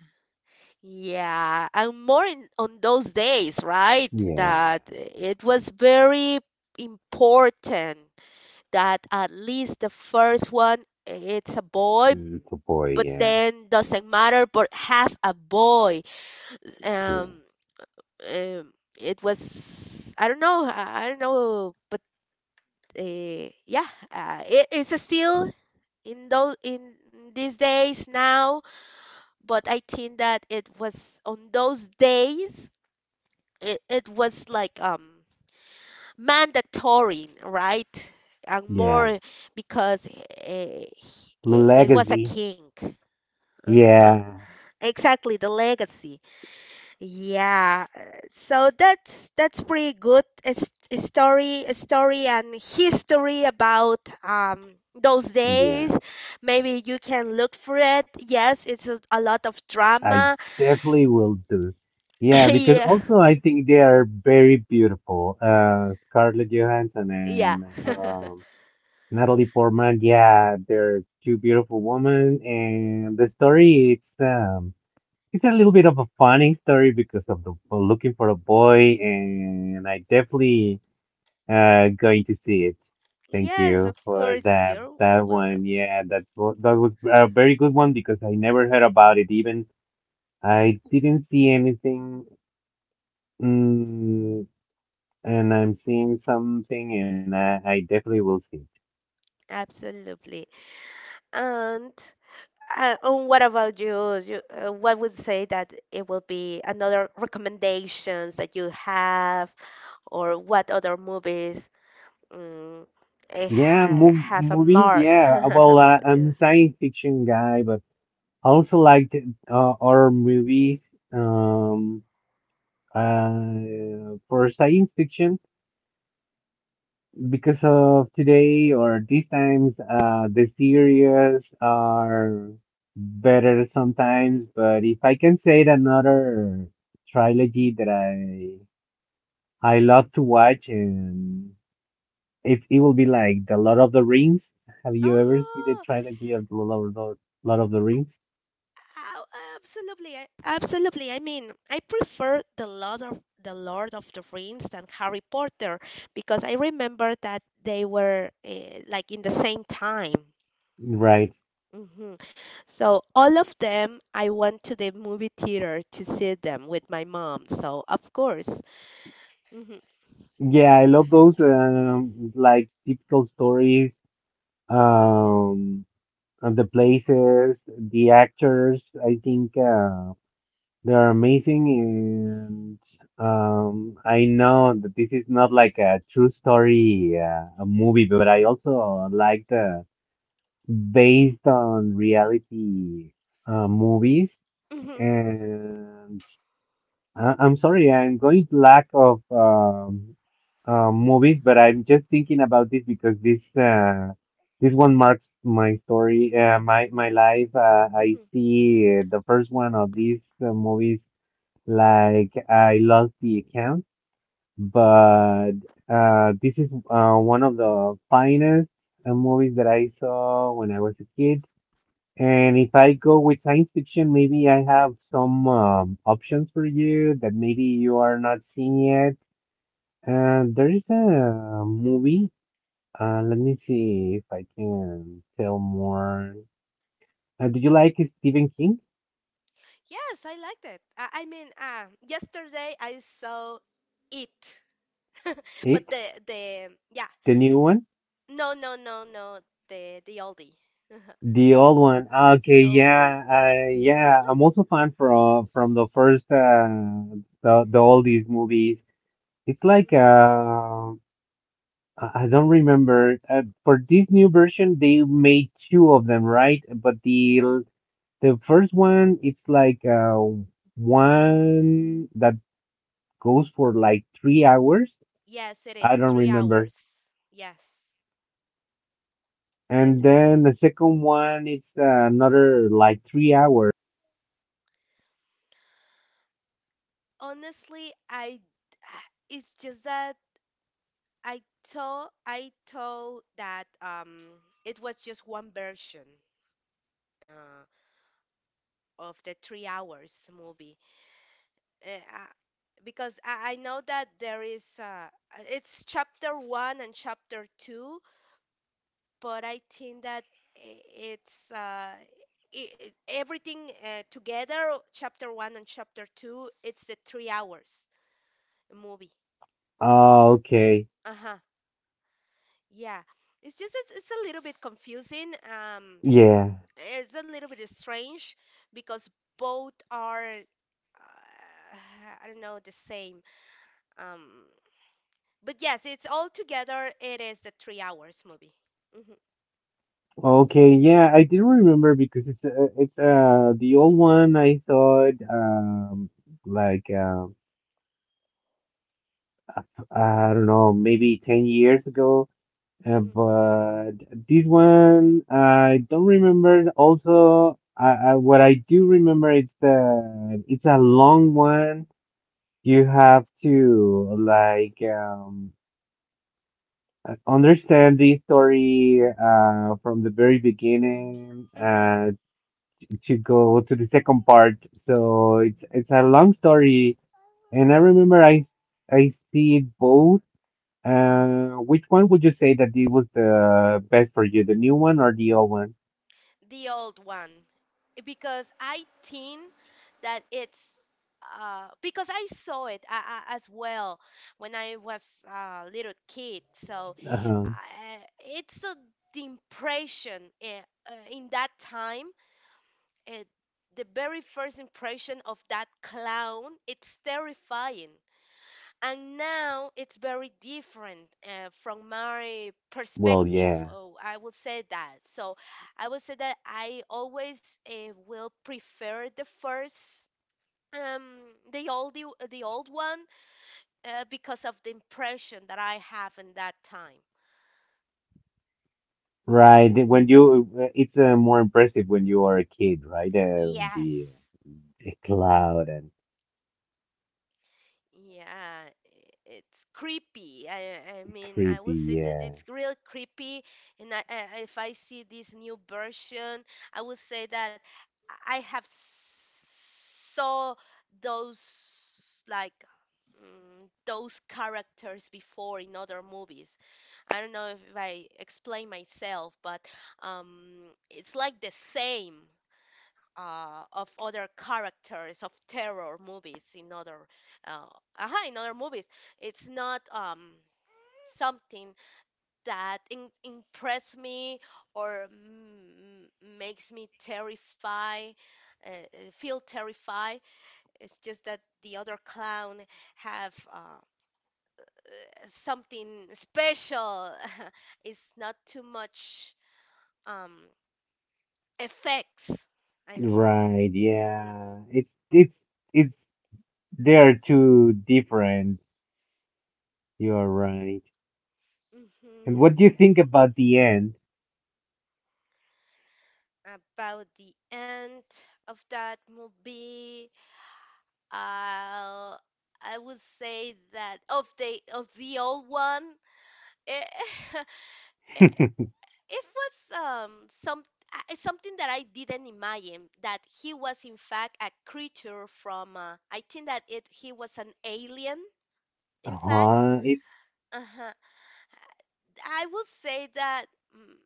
B: Yeah, and more in on those days, right?
A: Yeah,
B: That it was very important that at least the first one it's a boy,
A: mm, for boy.
B: but
A: Yeah,
B: then doesn't matter, but have a boy.
A: yeah,
B: Um, um it was I don't know, but yeah, it's still in these days now, but I think that it was on those days it was like mandatory, right? And
A: yeah.
B: more because eh,
A: Blue
B: he- it was a
A: Legacy.
B: king. Uh-huh.
A: Yeah,
B: Exactly, the legacy. Yeah. So that's pretty good a story and history about those
A: yeah.
B: days. Maybe you can look for it. Yes, it's a lot of
A: I
B: drama.
A: definitely will do. Yeah, because
B: [laughs] yeah.
A: also I think they are very beautiful. Scarlett Johansson
B: Yeah.
A: and
B: [laughs]
A: Natalie Portman. Yeah, they're two beautiful women, and the story it's a little bit of a funny story because of the for looking for a boy, and I definitely going to see it. Thank
B: yes,
A: you
B: of
A: for
B: course.
A: that
B: You're
A: that one.
B: welcome.
A: Yeah, that was a very good one because I never heard about it even. I didn't see anything, mm, and I'm seeing something, and I definitely will see it.
B: Absolutely. And and what about you? You what would say that it will be another recommendations that you have, or what other movies um,
A: Yeah, mov
B: have a
A: movies.
B: mark? [laughs]
A: Yeah, well,
B: What
A: I'm a
B: you-
A: science fiction guy, but I also liked horror movies. Um, for science fiction, because of today or these times, the series are better sometimes. But if I can say it, another trilogy that I love to watch, and it will be like the Lord of the Rings. Have you ever seen the
B: Oh,
A: trilogy of Lord of the Rings?
B: absolutely. Absolutely. I mean, I prefer the Lord of the Rings than Harry Potter because I remember that they were like in the same time.
A: Right.
B: Hmm. So all of them, I went to the movie theater to see them with my mom. So of course. Hmm.
A: Yeah, I love those like typical stories, um and the places, the actors. I think they're amazing and I know that this is not like a true story a movie, but I also like the based on reality movies.
B: Hmm.
A: And I'm sorry, I'm going lack of movies, but I'm just thinking about this because this one marks my story, my life. I
B: Hmm.
A: see the first one of these movies like I lost the account, but this is one of the finest movies that I saw when I was a kid. And if I go with science fiction, maybe I have some options for you that maybe you are not seeing yet. There is a movie. Let me see if I can tell more. Do you like Stephen King?
B: Yes, I liked it. I mean, yesterday I saw it, [laughs]
A: It?
B: but the yeah,
A: The new one?
B: no, no, no, no, the oldie, [laughs]
A: The old one? Ah, okay,
B: the old one.
A: yeah, yeah. I'm also fan from the first the oldies movies. It's like
B: Mm.
A: I don't remember. For this new version, they made two of them, right? But the first one, it's like one that goes for like 3 hours.
B: Yes, it
A: I
B: is
A: don't
B: three
A: remember.
B: hours. Yes,
A: And
B: yes, it is.
A: then the second one, it's another like 3 hours.
B: Honestly, I [sighs] it's just that. I I told that it was just one version uh, of the 3 hours movie uh, I- because I know that there is it's chapter one and chapter two, but I think that i- it's I everything together, chapter one and chapter two, it's the 3 hours movie.
A: Oh, okay.
B: Uh-huh. Yeah. It's just it's a little bit confusing.
A: Yeah.
B: It's a little bit strange because both are I don't know the same. Um, but yes, it's all together. It is the 3 hours movie. Hmm.
A: Okay. Yeah, I didn't remember because it's the old one I saw it like I don't know, maybe 10 years ago. Uh,
B: Hmm.
A: but this one, I don't remember. Also, what I do remember is that it's a long one. You have to like understand the story from the very beginning
B: Hmm.
A: to go to the second part. So it's a long story, and I remember I see it both. Which one would you say that it was the best for you, the new one or the old one?
B: The old one, because I think that it's. Because I saw it as well when I was a little kid, so
A: Uh-huh.
B: uh, it's a, the impression in that time uh, the very first impression of that clown it's terrifying and now it's very different from my
A: Well,
B: perspective.
A: yeah,
B: Oh, I will say that so I will say that I always will prefer the first um the old the old one because of the impression that I have in that time.
A: right. It's more impressive when you are a kid, right? Uh, the,
B: Yes.
A: the cloud and
B: Yeah, it's creepy. I mean, I
A: creepy,
B: will say that
A: yeah.
B: it's real creepy, and I if I see this new version, I will say that I have saw those like those characters before in other movies. I don't know if I explain myself, but it's like the same of other characters of terror movies in other uh, aha, in other movies. It's not something that impress me or makes me terrified, feel terrified. It's just that the other clown have something special. [laughs] it's not too much um, effects. I mean.
A: Right,
B: Hmm.
A: yeah. It's they are two different. You're right. And
B: Hmm.
A: what do you think about the end? [laughs]
B: About the end of that movie. Uh, I would say that of the old one, it, [laughs] it it was some something that I didn't imagine that he was in fact a creature from I think that it he was an alien in fact.
A: Uh-huh. It's
B: Uh-huh. I would say that mm,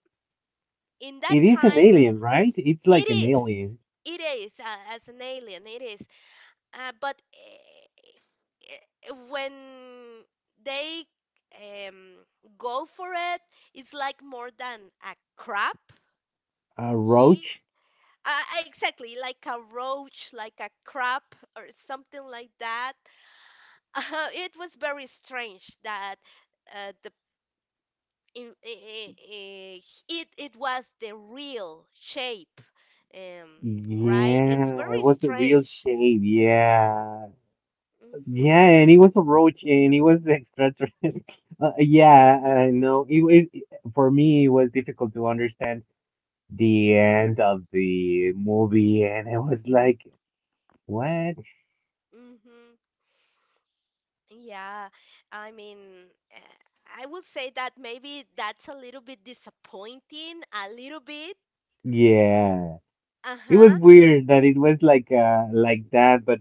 B: in that
A: it is an
B: time
A: alien, right?
B: it's
A: It's like
B: it
A: an
B: is
A: alien.
B: it is as an alien it is. But eh, when they um, go for it, it's like more than a crab.
A: A
B: He
A: roach?
B: exactly like a roach, like a crab, or something like that. [laughs] It was very strange that the in, eh, eh, eh, it was the real shape, um, right? It's
A: Yeah, it
B: very
A: was the real
B: strange.
A: shade. Yeah.
B: Hmm.
A: Yeah, and he was a roach and he was the extraterrestrial. [laughs] Yeah, I know. For me, it was difficult to understand the end of the movie, and it was like, what?
B: Hmm. Yeah, I mean, I would say that maybe that's a little bit disappointing, a little bit.
A: Yeah. It was
B: Uh-huh.
A: weird that it was like that, but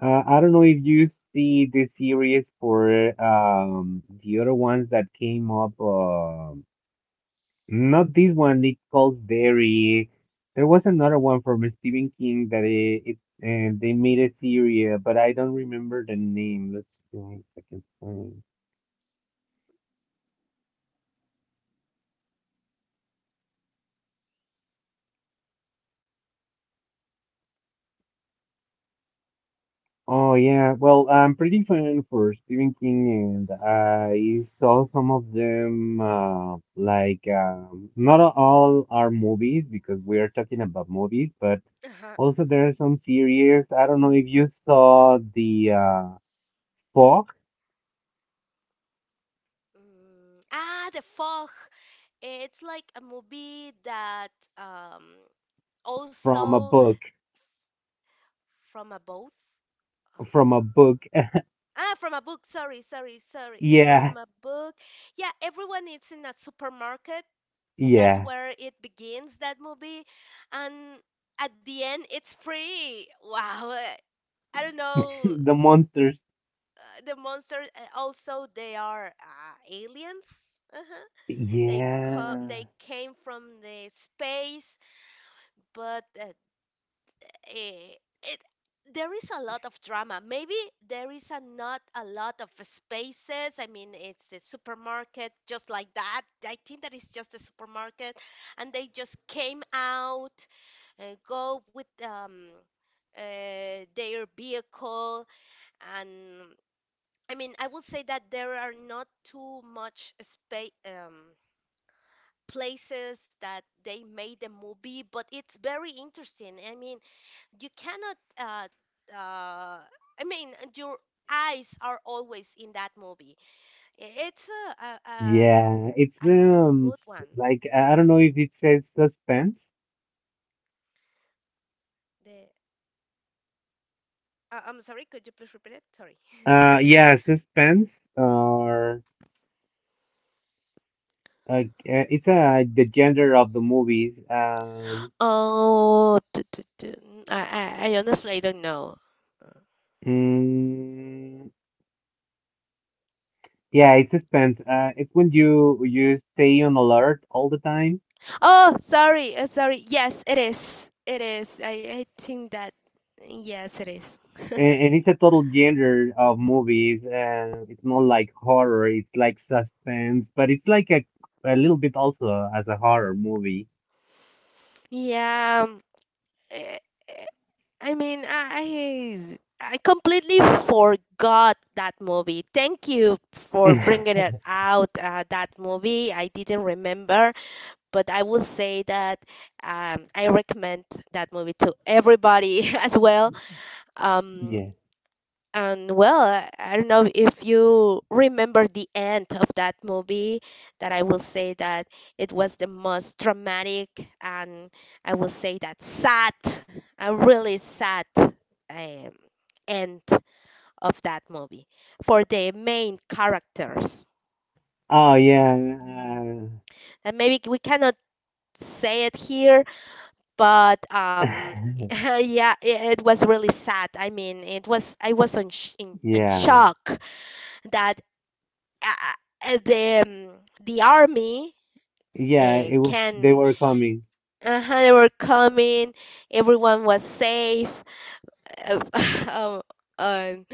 A: I don't know if you see the series for the other ones that came up. Not this one, it calls Berry. There was another one from Stephen King that it and they made a series, but I don't remember the name. Let's see if I can find. Oh yeah, well, I'm pretty fan for Stephen King, and I saw some of them. Like, not all are movies because we are talking about movies, but
B: Uh-huh.
A: also there are some series. I don't know if you saw the Fog
B: Mm, ah, The Fog. It's like a movie that um
A: from a
B: also
A: book.
B: from a both.
A: From a
B: Ah.
A: book. [laughs]
B: Ah, from a book. Sorry, sorry, sorry.
A: Yeah,
B: From a book. Yeah, everyone is in a supermarket. That's
A: yeah.
B: where it begins, that movie. And at the end, it's free. Wow. I don't
A: [laughs]
B: know
A: The monsters.
B: the monsters. Also, they are aliens. They come.
A: Yeah,
B: They came from the space, but eh, it, there is a lot of drama. Maybe there is a not a lot of spaces. I mean, it's a supermarket just like that. I think that is just a supermarket, and they just came out and go with their vehicle and I mean, I will say that there are not too much space places that they made the movie, but it's very interesting. I mean, you cannot. Uh, I mean, your eyes are always in that movie. It's a a, a,
A: yeah. It's
B: a n- good one.
A: like I don't know if it says suspense.
B: The I'm sorry. Could you please repeat it? Sorry.
A: Yeah, suspense or uh, it's like the gender of the movies.
B: Oh, I, I honestly don't know.
A: Mm, yeah, it's suspense. It's when you stay on alert all the time.
B: Oh, sorry, sorry. Yes, it is. It is. I think that yes, it is.
A: And it's a total genre of movies, and it's not like horror, it's like suspense, but it's like a little bit also as a horror movie.
B: Yeah. Eh, eh, I mean, I completely forgot that movie. Thank you for bringing
A: [laughs]
B: it out. That movie I didn't remember, but I will say that I recommend that movie to everybody [laughs] as well. Um,
A: Yeah.
B: And well, I don't know if you remember the end of that movie, that I will say that it was the most dramatic and I will say that sad, a really sad um, end of that movie for the main characters.
A: Oh yeah.
B: And maybe we cannot say it here, but [laughs]
A: Uh,
B: yeah, it was really sad. I mean, it was I was on
A: [laughs]
B: in
A: yeah.
B: shock that uh, the army
A: Yeah, it was they
B: can,
A: were coming.
B: uh-huh, they were coming. Everyone was safe, uh, [laughs] um, um,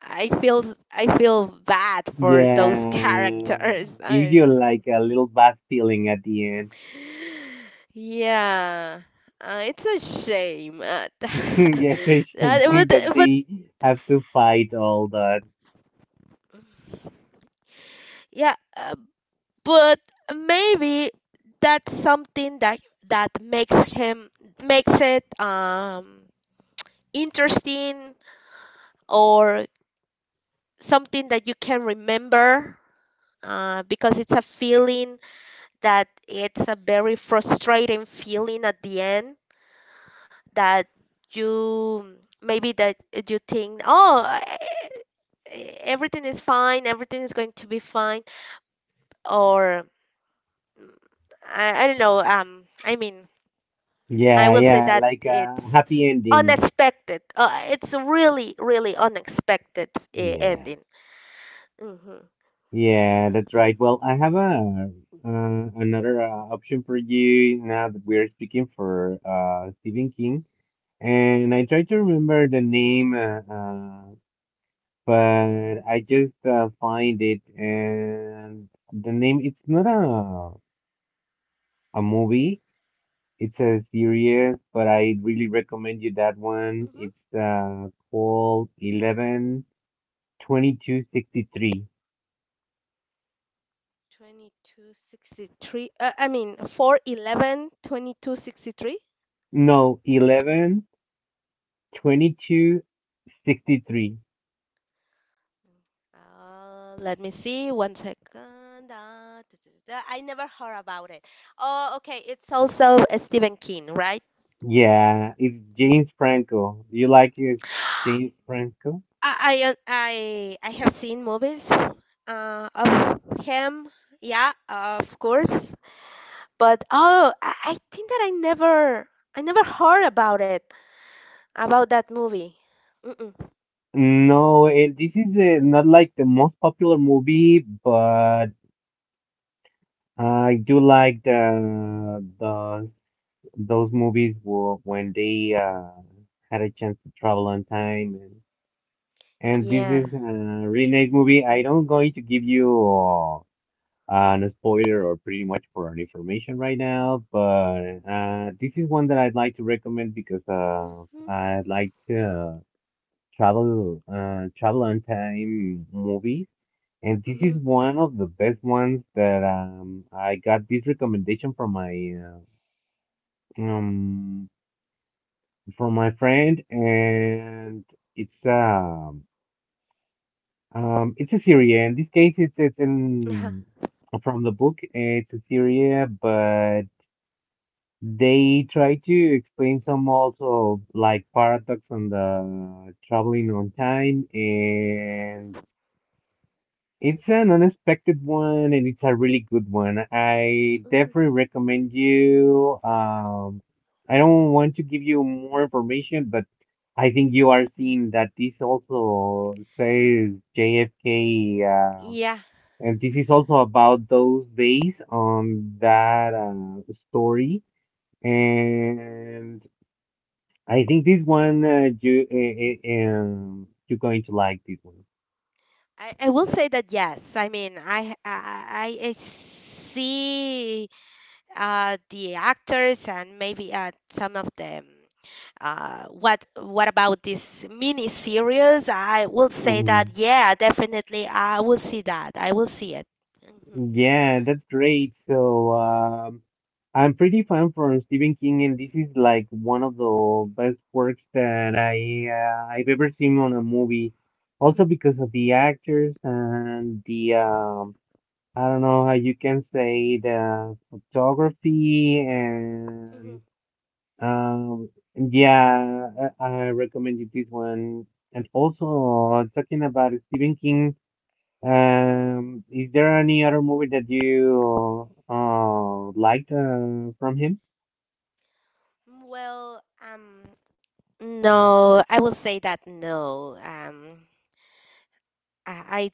B: I feel bad for those [laughs]
A: Yeah.
B: characters.
A: Gives
B: I,
A: you like a little bad feeling at the end.
B: yeah it's a shame [laughs]
A: [laughs]
B: that-
A: Yes, I think
B: but,
A: that
B: but
A: they have to fight all that.
B: yeah but maybe that's something that makes him makes it interesting or something that you can remember because it's a feeling that it's a very frustrating feeling at the end that you maybe that you think oh everything is fine everything is going to be fine or mm, I don't know I mean I
A: Yeah,
B: will say
A: yeah,
B: that
A: like a
B: it's
A: happy ending.
B: unexpected it's really really unexpected
A: Yeah.
B: ending. Hmm.
A: Yeah, that's right. Well, I have a another option for you now that we're speaking for Stephen King, and I try to remember the name, but I just find it, and the name it's not a movie, it's a series, but I really recommend you that one.
B: Hmm.
A: It's called 11/22/63.
B: 2263, I mean 4 11/22/63.
A: No, 11. 22, 63.
B: No. Let me see one second, da, da, da, da. I never heard about it. Oh, okay, it's also a Stephen King, right?
A: Yeah, it's James Franco. Do you like it, James Franco?
B: I have seen movies of him. Yeah, of course, but oh, I think that I never heard about that movie. Mm-mm. No.
A: No, it, this is not like the most popular movie, but I do like the those movies were when they had a chance to travel on time and this is
B: Yeah.
A: a really nice movie. I don't going to give you no spoiler or pretty much for our information right now, but this is one that I'd like to recommend because
B: Hmm.
A: I'd like to travel on time movies, and this is
B: Mhm.
A: one of the best ones that I got this recommendation um from my friend, and it's um it's a series. In this case, it's
B: Yeah.
A: in from the book. It's a series, but they try to explain some also like paradox on the traveling on time, and it's an unexpected one, and it's a really good one. I
B: Mhm.
A: definitely recommend you. I don't want to give you more information, but I think you are seeing that this also says JFK,
B: Yeah,
A: and this is also about those days on that story. And I think this one you're going to like this one.
B: I will say that yes. I mean, I see the actors and maybe some of them. What about this mini series? I will say that
A: Um,
B: yeah, definitely I will see that. I will see it. Mhm.
A: yeah, that's great. So I'm pretty fan from Stephen King, and this is like one of the best works that I've ever seen on a movie.
B: Mhm.
A: Also because of the actors and the I don't know how you can say the photography and
B: Mhm.
A: Um, yeah, I recommend you this one. And also, talking about Stephen King, is there any other movie that you liked from him?
B: Well, no, I will say that no. I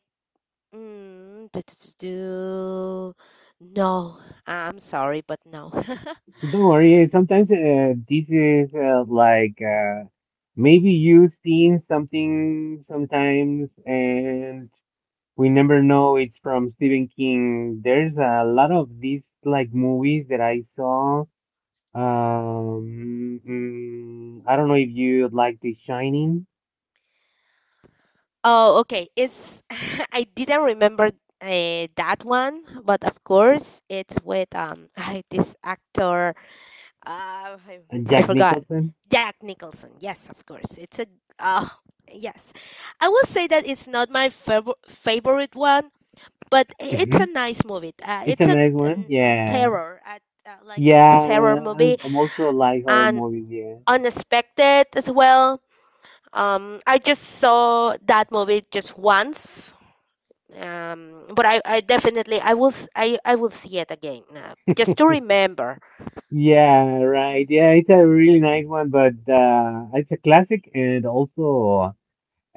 B: Mm, do, do, do, do. No, I'm sorry, but no. [laughs]
A: Don't worry. Sometimes this is maybe you seen something sometimes, and we never know it's from Stephen King. There's a lot of these like movies that I saw. I don't know if you like The Shining,
B: Oh, okay. It's [laughs] I didn't remember that one, but of course it's with [laughs] I, this actor. I, I
A: Jack
B: forgot.
A: Nicholson.
B: Jack Nicholson. Yes, of course. It's a uh yes. I will say that it's not my favorite one, but it's
A: Hmm
B: a nice movie.
A: It's a
B: It's
A: nice one.
B: a
A: Yeah.
B: terror, a, like a
A: Yeah,
B: terror movie,
A: I'm also like horror
B: and.
A: movies, yeah.
B: Unexpected as well. I just saw that movie just once, but I definitely I will see it again just to remember. Mm-hmm.
A: Yeah, right. Yeah, it's a really nice one, but it's a classic and also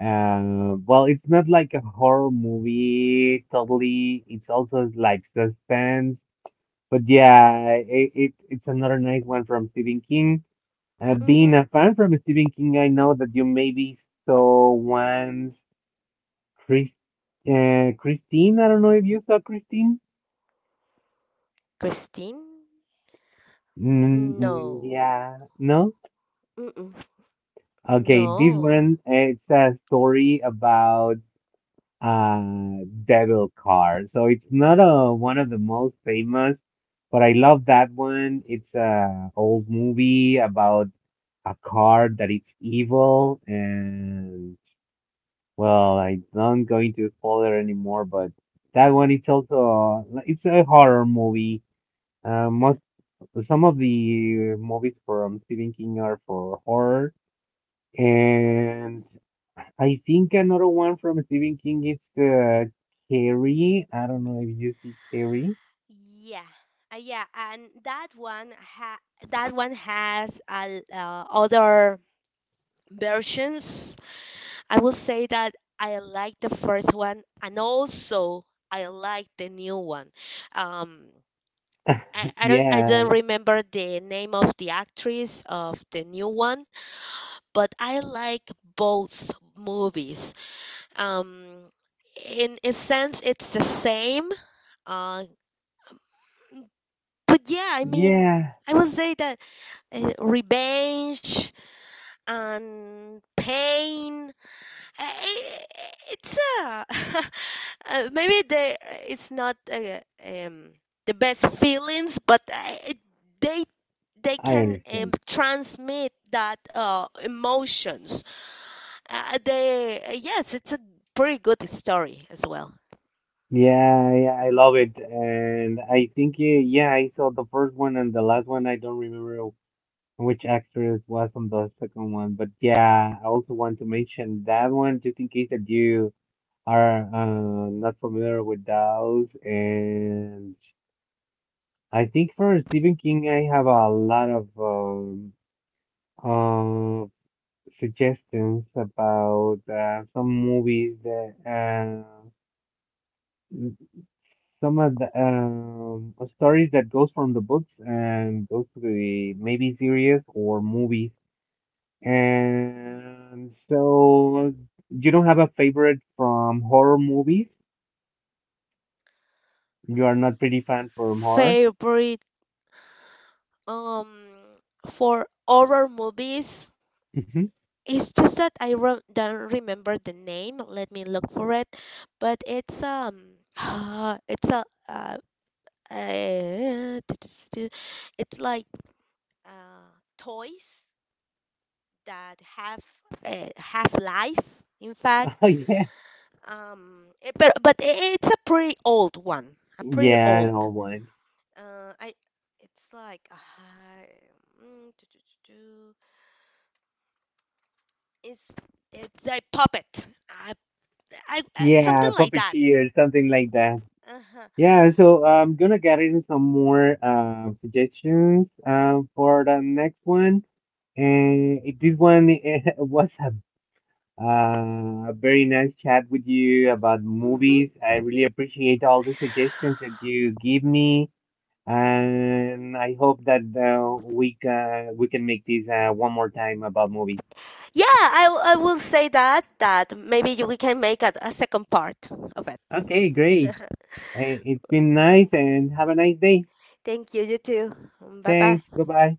A: well, it's not like a horror movie totally. It's also like suspense. But yeah, it's another nice one from Stephen King. Being
B: Hmm.
A: a fan from Stephen King, I know that you maybe saw once Chris, Christine. I don't know if you saw Christine.
B: Christine?
A: Mm, mm,
B: No.
A: yeah, no.
B: Mm-mm.
A: Okay, this
B: No.
A: one it's a story about uh devil car. So it's not a, one of the most famous, but I love that one. It's a old movie about a car that it's evil and well, I'm not going to spoil it anymore, but that one it's also it's a horror movie. Most
B: [laughs]
A: some of the movies from Stephen King are for horror, and I think another one from Stephen King is Carrie. I don't know if you see Carrie.
B: Yeah, yeah, and that one has other versions. I will say that I like the first one, and also I like the new one. Um, I don't
A: Yeah,
B: remember the name of the actress of the new one, but I like both movies. Um, in a sense, it's the same. Uh, but yeah, I mean,
A: yeah,
B: I would say that revenge and pain it's a [laughs] maybe they it's not um the best feelings but I, it, they they
A: I
B: can
A: understand.
B: transmit that emotions they yes it's a pretty good story as well.
A: Yeah, yeah, I love it, and I think yeah, I saw the first one and the last one. I don't remember which actress was on the second one. But yeah, I also want to mention that one just in case that you are not familiar with those. And I think for Stephen King, I have a lot of uh, suggestions about some movies that some of the stories that goes from the books and goes to the maybe series or movies.
B: Mhm.
A: And so you don't have a favorite from horror movies?
B: A
A: You are not pretty fan from horror?
B: favorite um for horror movies.
A: Hmm
B: It's just that I don't remember the name. Let me look for it. But it's [gasps] [sighs] it's a uh, [tsk] it's like uh, toys that have life. In fact,
A: [laughs] Oh yeah.
B: but it's a pretty old one. A pretty
A: Yeah, I know
B: old.
A: one.
B: I it's like do, do, do, do. it's it's a puppet. I
A: Yeah,
B: something like that.
A: puppeteer, something like that.
B: Uh-huh.
A: Yeah, so I'm gonna get in some more suggestions for the next one. And if this one [laughs] was a very nice chat with you about
B: Hmm.
A: movies. I really appreciate all the suggestions that you give me, and I hope that we can make this one more time about movies.
B: Yeah, I will say that that maybe we can make a second part of it.
A: Okay, great.
B: [laughs]
A: Hey, it's been nice, and have a nice day.
B: Thank you, you too. Bye bye.
A: Thanks. Bye bye.